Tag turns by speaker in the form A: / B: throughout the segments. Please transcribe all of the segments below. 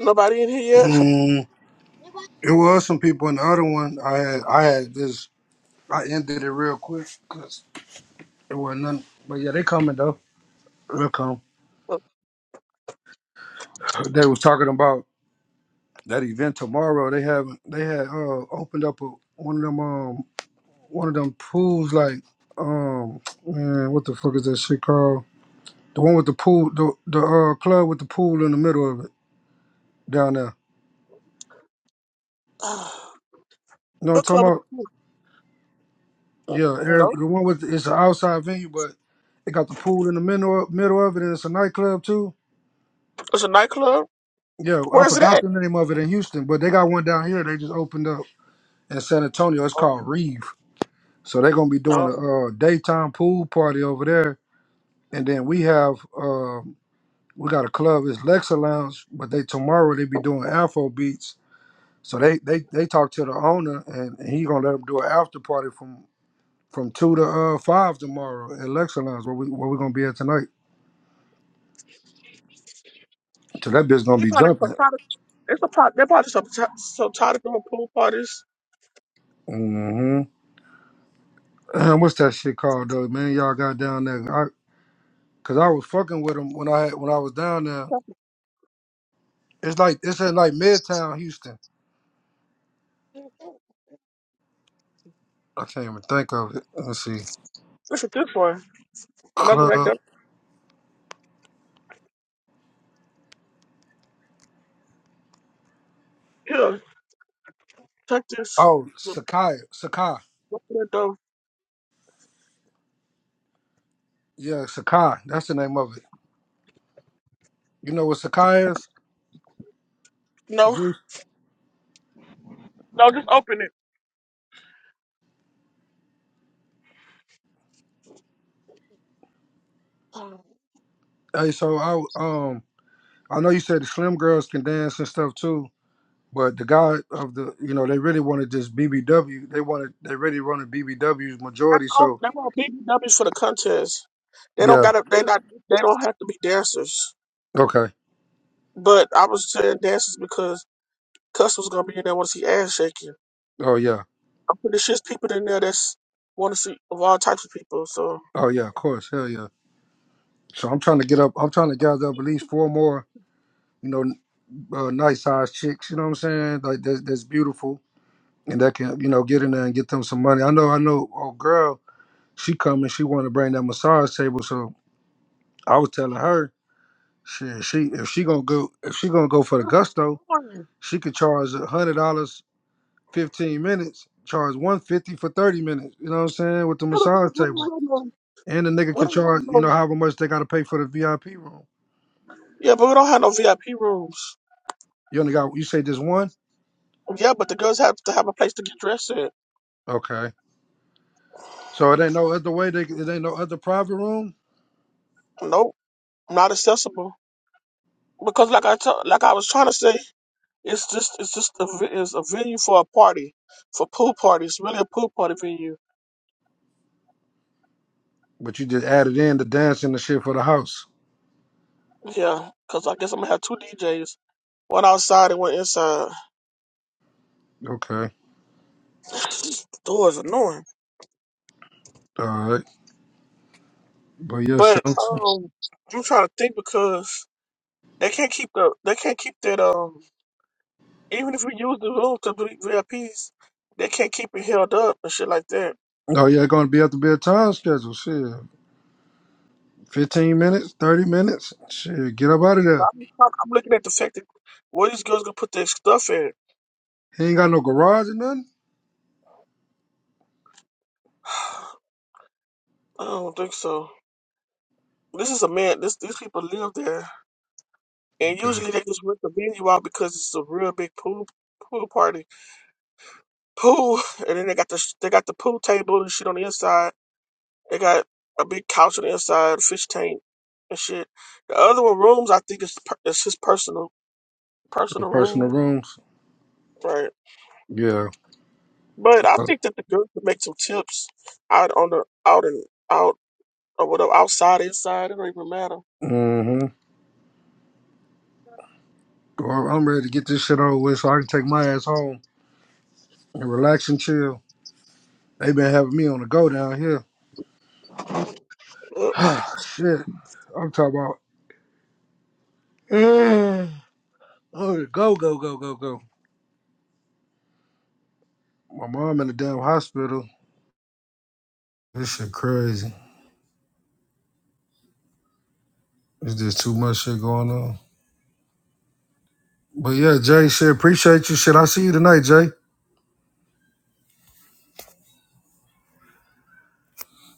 A: Nobody in here yet?
B: Mm, it was some people in the other one. I had, I had this. I ended it real quick because it wasn't nothing. But yeah, they coming though. They'll come. They was talking about that event tomorrow. They have they had uh opened up a, one of them um one of them pools like um man what the fuck is that shit called? The one with the pool the the uh club with the pool in the middle of it down there. You know what I'm
A: what
B: talking
A: club? Is
B: about?
A: it?
B: Yeah,
A: No,
B: Arab, the one with it's an outside venue, but it got the pool in the middle middle of it, and it's a nightclub too.
A: it's a nightclub.
B: Yeah, I
A: Where is it
B: forgot
A: at?
B: the name of it in Houston, but they got one down here. They just opened up in San Antonio. It's
A: Oh,
B: called Reeve. So they're gonna be doing
A: no.
B: a uh, daytime pool party over there, and then we have uh, we got a club. It's Lexa Lounge, but they tomorrow they be doing Afro beats. So they they they talked to the owner, and, and he gonna let them do an after party from from two to uh, five tomorrow at Lexa Lounge, where we where we gonna be at tonight. So that bitch gonna
A: They
B: be
A: probably for
B: jumping.
A: party. It's a part. They're probably some so tired of them pool parties.
B: hmm What's that shit called though, man? Y'all got down there. I, Cause I was fucking with him when I had, when I was down there. It's like it's in like Midtown Houston. I can't even think of it. Let's see.
A: It's a this one. Another back
B: Club.
A: up here. Check this.
B: Oh,
A: Open
B: Sakai. Sakai.
A: that door.
B: Yeah, Sakai. That's the name of it. You know what Sakai is?
A: No,
B: Juice.
A: no, just open it. That's
B: Hey, so I um I know you said the Slim Girls can dance and stuff too, but the guy of the you know they really wanted this BBW. They wanted they really wanted BBW's majority.
A: all.
B: So
A: That's all BBWs for the contest. They
B: yeah.
A: don't gotta. They not. They don't have to be dancers.
B: Okay.
A: But I was saying dancers because Cuss was gonna be in there once he ass shaking.
B: Oh yeah.
A: I'm pretty sure there's people in there that's want to see of all types of people. So
B: Oh yeah. Of course. Hell yeah. So I'm trying to get up. I'm trying to gather up at least four more, you know, uh, nice sized chicks. You know what I'm saying? Like that's, that's beautiful, and that can you know get in there and get them some money. I know. I know. Oh girl, she coming. She want to bring that massage table. So I was telling her, shit. She if she gonna go if she gonna go for the
A: we
B: gusto,
A: don't
B: she could charge a hundred dollars fifteen minutes. Charge one fifty for thirty minutes. You know what I'm saying? With the massage table.
A: have
B: And the nigga can charge, you
A: no,
B: know, however much they got to pay for the VIP room.
A: yeah, but we don't have no VIP rooms.
B: You only got, you say just one?
A: Yeah, but the girls have to have a place to get dressed in.
B: Okay. So it ain't no other way, they, it ain't no other private room,
A: Nope, not accessible because like I t- like I was trying to say, it's just it's just a ve- it's a venue for a party, for pool parties, really a pool party venue.
B: but you just added in the dance and the shit for the house.
A: Yeah, because I guess I'm gonna have two DJs, one outside and one inside.
B: Okay.
A: The door is annoying,
B: All right. But yeah, shit.
A: but
B: I'm so-
A: um, I'm trying to think because. They can't keep the they can't keep that um even if we use the room to do VIPs, they can't keep it held up and shit like that.
B: Oh, yeah, going to be at the bed time schedule. Shit. 15 minutes, 30 minutes. Shit, get up out of
A: But
B: there.
A: I'm, I'm I'm looking at the fact that where these girls gonna put their stuff in.
B: He ain't got no garage or nothing.
A: I don't think so. This is a man. This these people live there, and
B: Okay.
A: usually they just rent the venue out because it's a real big pool pool party pool, and then they got the sh- they got the pool table and shit on the inside. They got a big couch on the inside, fish tank and shit. The other one rooms I think is per- is his personal
B: No
A: personal room
B: personal rooms.
A: Right.
B: Yeah.
A: But I
B: Uh,
A: think that the girls could make some tips out on the out and out or whatever outside, inside, it don't even matter.
B: Mm-hmm. Well, I'm ready to get this shit over with so I can take my ass home and relax and chill. They been having me on the go down here.
A: Uh,
B: Shit. I'm talking about eh, oh, go, go, go, go, go. My mom in the damn hospital. This shit crazy. There's just too much shit going on. But yeah, Jay, shit, appreciate you. Shit, I see you tonight, Jay.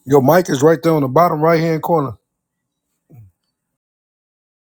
B: Your mic is right there on the bottom right hand corner.